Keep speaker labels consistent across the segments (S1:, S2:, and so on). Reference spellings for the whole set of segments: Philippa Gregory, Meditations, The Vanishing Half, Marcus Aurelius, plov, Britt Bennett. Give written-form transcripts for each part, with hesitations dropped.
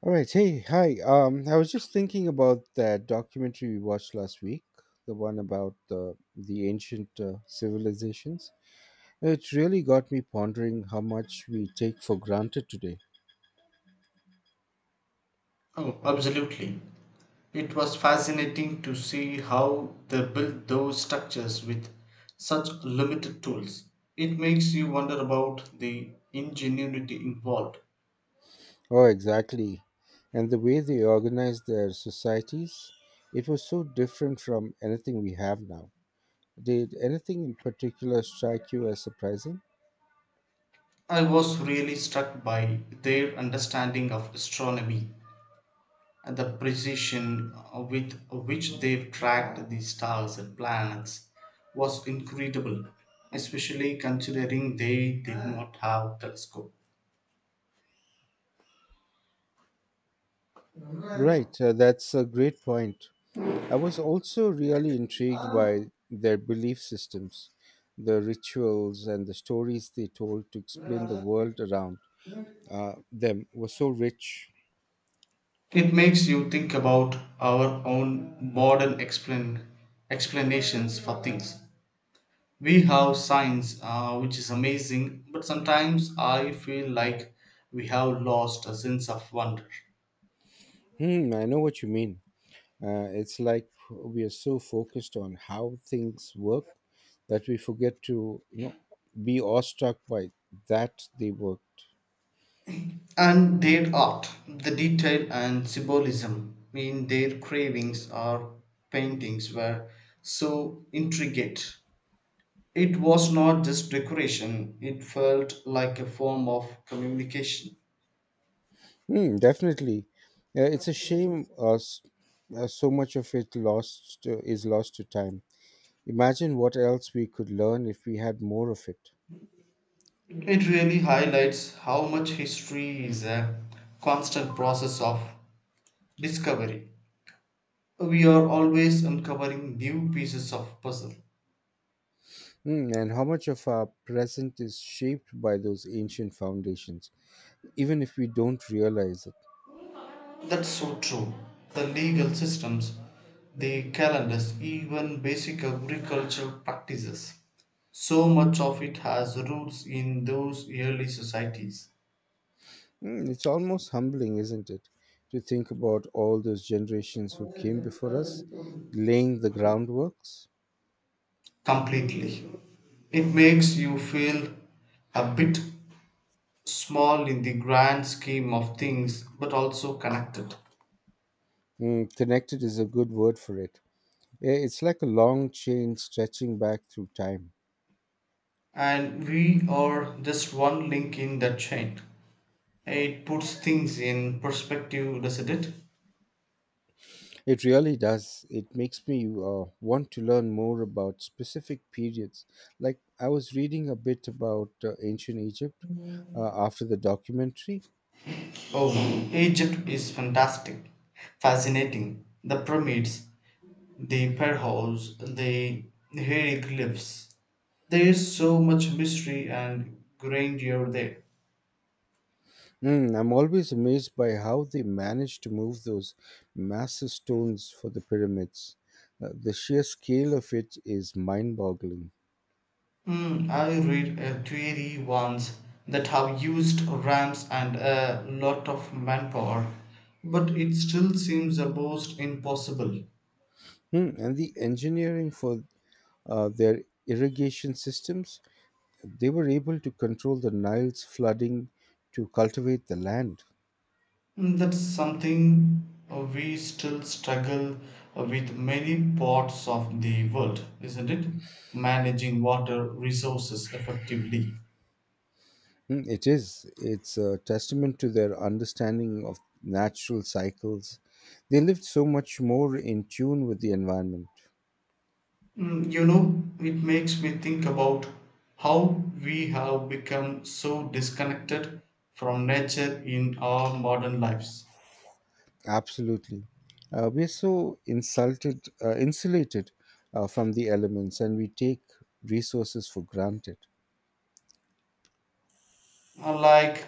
S1: All right. Hey, hi. I was just thinking about that documentary we watched last week, the one about the ancient civilizations. It really got me pondering how much we take for granted today.
S2: Oh, absolutely. It was fascinating to see how they built those structures with such limited tools. It makes you wonder about the ingenuity involved.
S1: Oh, exactly. And the way they organized their societies, it was so different from anything we have now. Did anything in particular strike you as surprising?
S2: I was really struck by their understanding of astronomy and the precision with which they've tracked the stars and planets was incredible, especially considering they did not have telescopes.
S1: Right. That's a great point. I was also really intrigued by their belief systems, the rituals, and the stories they told to explain the world around them were so rich.
S2: It makes you think about our own modern explanations for things. We have science, which is amazing, but sometimes I feel like we have lost a sense of wonder.
S1: Hmm, I know what you mean. It's like we are so focused on how things work that we forget to be awestruck by that they worked.
S2: And their art, the detail and symbolism in their cravings or paintings were so intricate. It was not just decoration, it felt like a form of communication.
S1: Hmm, definitely. It's a shame so much of it lost is lost to time. Imagine what else we could learn if we had more of it.
S2: It really highlights how much history is a constant process of discovery. We are always uncovering new pieces of puzzle.
S1: Mm, and how much of our present is shaped by those ancient foundations, even if we don't realize it.
S2: That's so true. The legal systems, the calendars, even basic agricultural practices. So much of it has roots in those early societies.
S1: Mm, it's almost humbling, isn't it, to think about all those generations who came before us laying the groundworks?
S2: Completely. It makes you feel a bit small in the grand scheme of things but also connected,
S1: Mm, connected is a good word for it. It's like a long chain stretching back through time.
S2: and we are just one link in that chain. It puts things in perspective, doesn't it?
S1: It really does. It makes me want to learn more about specific periods. Like I was reading a bit about ancient Egypt after the documentary.
S2: Oh, Egypt is fantastic, fascinating. The pyramids, the pharaohs, the hieroglyphs. There is so much mystery and grandeur there.
S1: Mm, I'm always amazed by how they managed to move those massive stones for the pyramids. The sheer scale of it is mind boggling.
S2: Hmm, I read a theory once that have used ramps and a lot of manpower, but it still seems almost impossible.
S1: Hmm, and the engineering for their irrigation systems, they were able to control the Nile's flooding to cultivate the land.
S2: Hmm. That's something we still struggle with many parts of the world, isn't it? Managing water resources effectively.
S1: Mm, it is. It's a testament to their understanding of natural cycles. They lived so much more in tune with the environment.
S2: Mm, you know, it makes me think about how we have become so disconnected from nature in our modern lives.
S1: Absolutely. We're so insulated from the elements, and we take resources for granted.
S2: Like,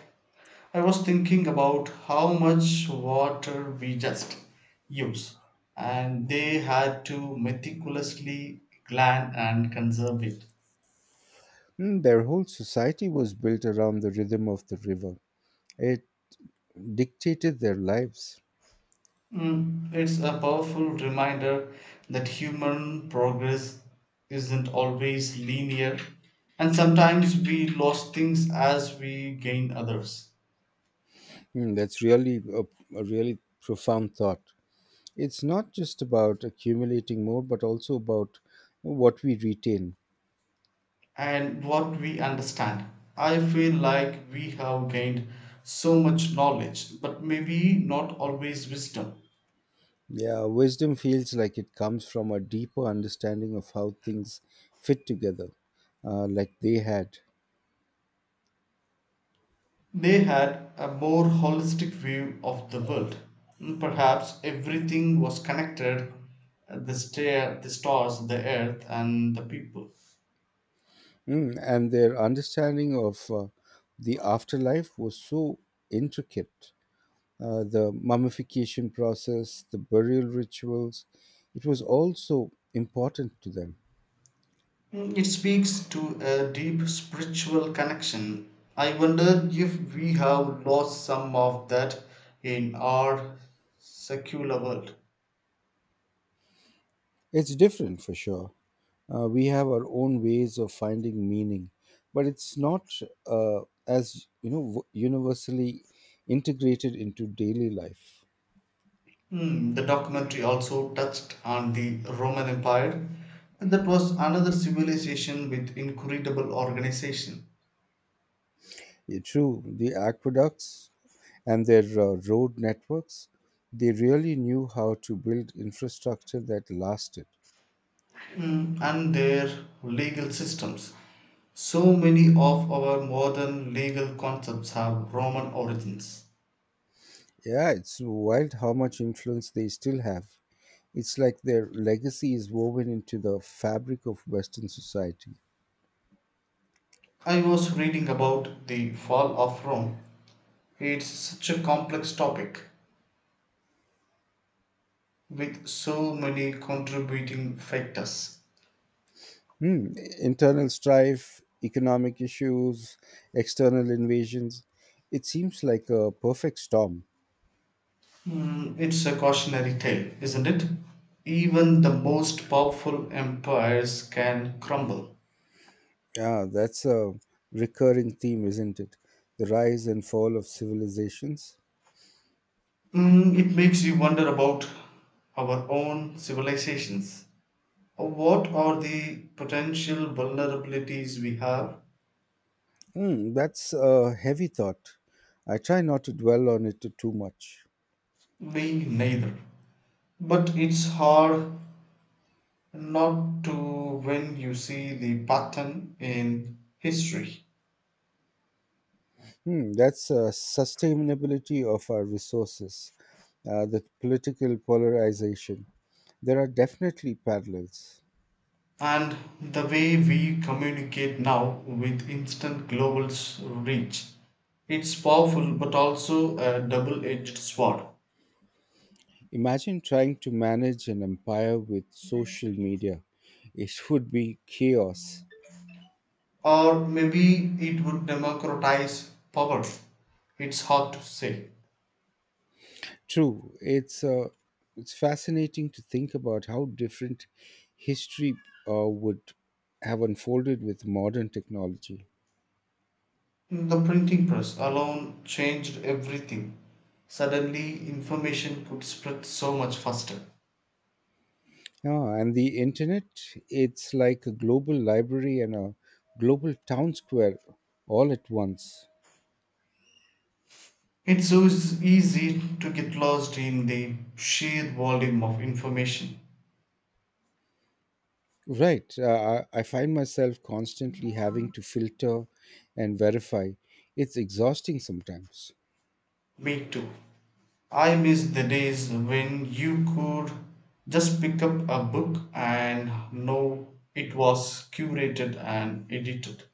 S2: I was thinking about how much water we just use, and they had to meticulously plan and conserve it.
S1: Mm, their whole society was built around the rhythm of the river. It dictated their lives.
S2: Mm, it's a powerful reminder that human progress isn't always linear, and sometimes we lose things as we gain others.
S1: Mm, that's really a really profound thought. It's not just about accumulating more but also about what we retain.
S2: And what we understand, I feel like we have gained so much knowledge, but maybe not always wisdom.
S1: Yeah, wisdom feels like it comes from a deeper understanding of how things fit together, like they had.
S2: They had a more holistic view of the world. Mm, perhaps everything was connected, the stars, the earth, and the people.
S1: Mm, and their understanding of the afterlife was so intricate. The mummification process, the burial rituals, it was all so important to them.
S2: Mm, it speaks to a deep spiritual connection. I wonder if we have lost some of that in our secular world.
S1: It's different for sure. We have our own ways of finding meaning, but it's not uh, as you know w- universally integrated into daily life.
S2: Hmm, the documentary also touched on the Roman Empire. That was another civilization with incredible organization.
S1: Yeah, true, the aqueducts and their road networks, they really knew how to build infrastructure that lasted.
S2: Hmm, and their legal systems. So many of our modern legal concepts have Roman origins.
S1: Yeah, it's wild how much influence they still have. It's like their legacy is woven into the fabric of Western society.
S2: I was reading about the fall of Rome. It's such a complex topic with so many contributing factors.
S1: Hmm. Internal strife, economic issues, external invasions. It seems like a perfect storm.
S2: Mm, it's a cautionary tale, isn't it? Even the most powerful empires can crumble.
S1: Yeah, that's a recurring theme, isn't it? The rise and fall of civilizations.
S2: Mm, it makes you wonder about our own civilizations. What are the potential vulnerabilities we have?
S1: Hmm. That's a heavy thought. I try not to dwell on it too much.
S2: We neither. But it's hard not to when you see the pattern in history.
S1: Hmm. That's sustainability of our resources, the political polarization. There are definitely parallels.
S2: And the way we communicate now with instant global reach, it's powerful but also a double edged sword.
S1: Imagine trying to manage an empire with social media. It would be chaos.
S2: Or maybe it would democratize power. It's hard to say.
S1: True, it's fascinating to think about how different history would have unfolded with modern technology.
S2: The printing press alone changed everything. Suddenly, information could spread so much faster.
S1: Yeah, and the internet, it's like a global library and a global town square all at once.
S2: It's so easy to get lost in the sheer volume of information.
S1: Right. I find myself constantly having to filter and verify. It's exhausting sometimes.
S2: Me too. I miss the days when you could just pick up a book and know it was curated and edited.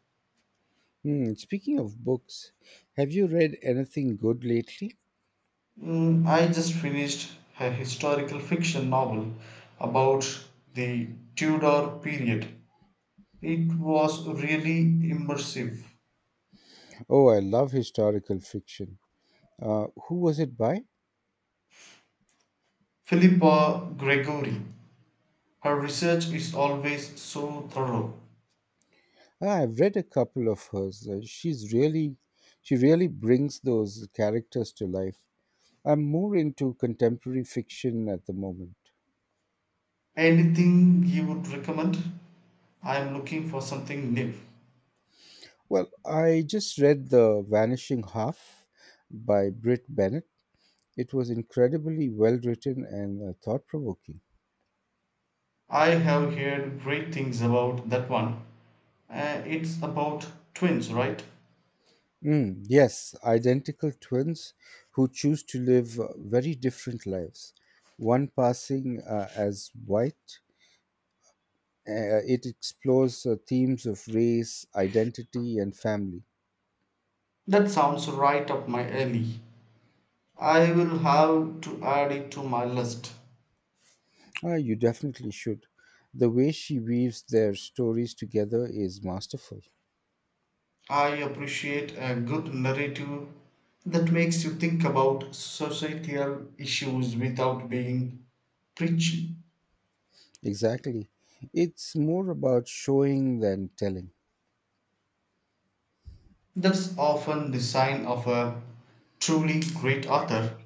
S1: Hmm, speaking of books, have you read anything good lately?
S2: Mm, I just finished a historical fiction novel about the Tudor period. It was really immersive.
S1: Oh, I love historical fiction. Who was it by?
S2: Philippa Gregory, her research is always so thorough.
S1: Ah, I've read a couple of hers. She really brings those characters to life. I'm more into contemporary fiction at the moment.
S2: Anything you would recommend? I am looking for something new.
S1: Well, I just read The Vanishing Half by Britt Bennett. It was incredibly well written and thought provoking.
S2: I have heard great things about that one. It's about twins, right?
S1: Mm, yes, identical twins who choose to live very different lives, one passing as white. It explores themes of race, identity, and family.
S2: That sounds right up my alley. I will have to add it to my list.
S1: Ah, you definitely should. The way she weaves their stories together is masterful.
S2: I appreciate a good narrative that makes you think about societal issues without being preachy.
S1: Exactly. It's more about showing than telling.
S2: That's often the sign of a truly great author.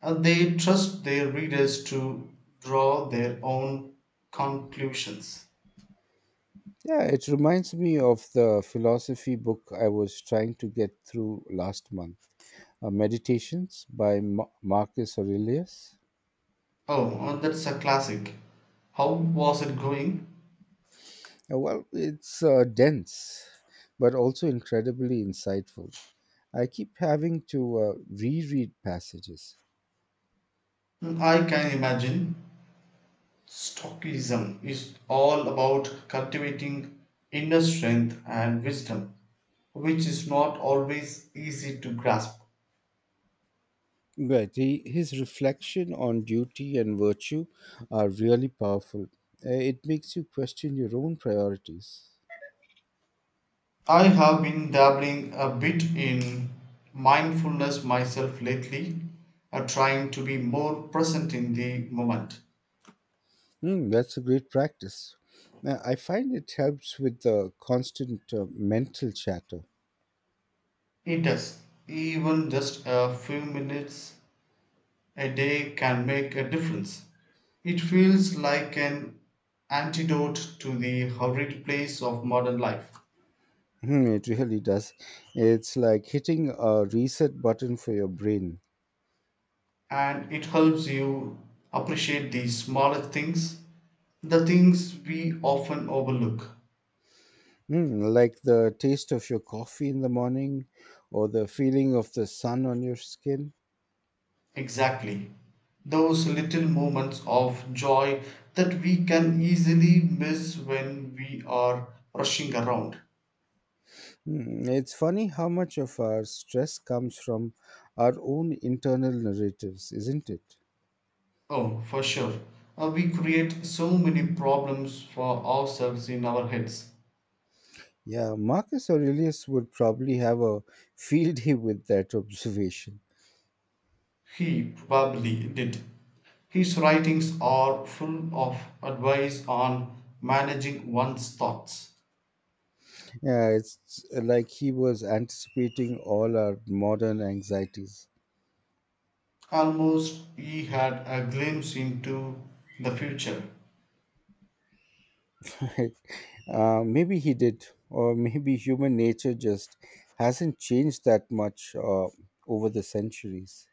S2: They trust their readers to draw their own conclusions.
S1: Yeah, it reminds me of the philosophy book I was trying to get through last month, Meditations by Marcus Aurelius.
S2: Oh, that's a classic. How was it going?
S1: Well, it's dense, but also incredibly insightful. I keep having to reread passages.
S2: Mm, I can imagine. Stoicism is all about cultivating inner strength and wisdom, which is not always easy to grasp.
S1: Right, his reflection on duty and virtue are really powerful. It makes you question your own priorities.
S2: I have been dabbling a bit in mindfulness myself lately, trying to be more present in the moment.
S1: Mm, that's a great practice. I find it helps with the constant mental chatter.
S2: It does, even just a few minutes a day can make a difference. It feels like an antidote to the hurried pace of modern life,
S1: Mm, it really does. It's like hitting a reset button for your brain.
S2: and it helps you appreciate the smaller things, the things we often overlook.
S1: Mm, like the taste of your coffee in the morning or the feeling of the sun on your skin.
S2: Exactly. Those little moments of joy that we can easily miss when we are rushing around.
S1: Mm, it's funny how much of our stress comes from our own internal narratives, isn't it?
S2: Oh, for sure. We create so many problems for ourselves in our heads.
S1: Yeah, Marcus Aurelius would probably have a field day with that observation.
S2: He probably did. His writings are full of advice on managing one's thoughts.
S1: Yeah, it's like he was anticipating all our modern anxieties.
S2: Almost he had a glimpse into the future.
S1: Maybe he did, or maybe human nature just hasn't changed that much over the centuries.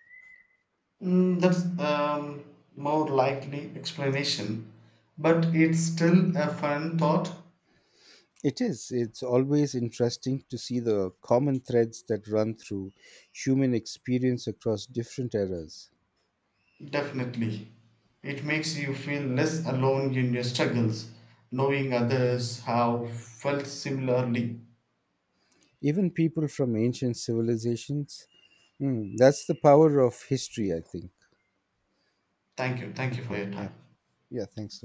S2: Mm, that's a more likely explanation, but it's still a fun thought,
S1: It is. It's always interesting to see the common threads that run through human experience across different eras.
S2: definitely. It makes you feel less alone in your struggles, knowing others have felt similarly.
S1: Even people from ancient civilizations. Hmm, that's the power of history, I think.
S2: Thank you. Thank you for
S1: Okay.
S2: your
S1: Yeah.
S2: time.
S1: Yeah. Thanks.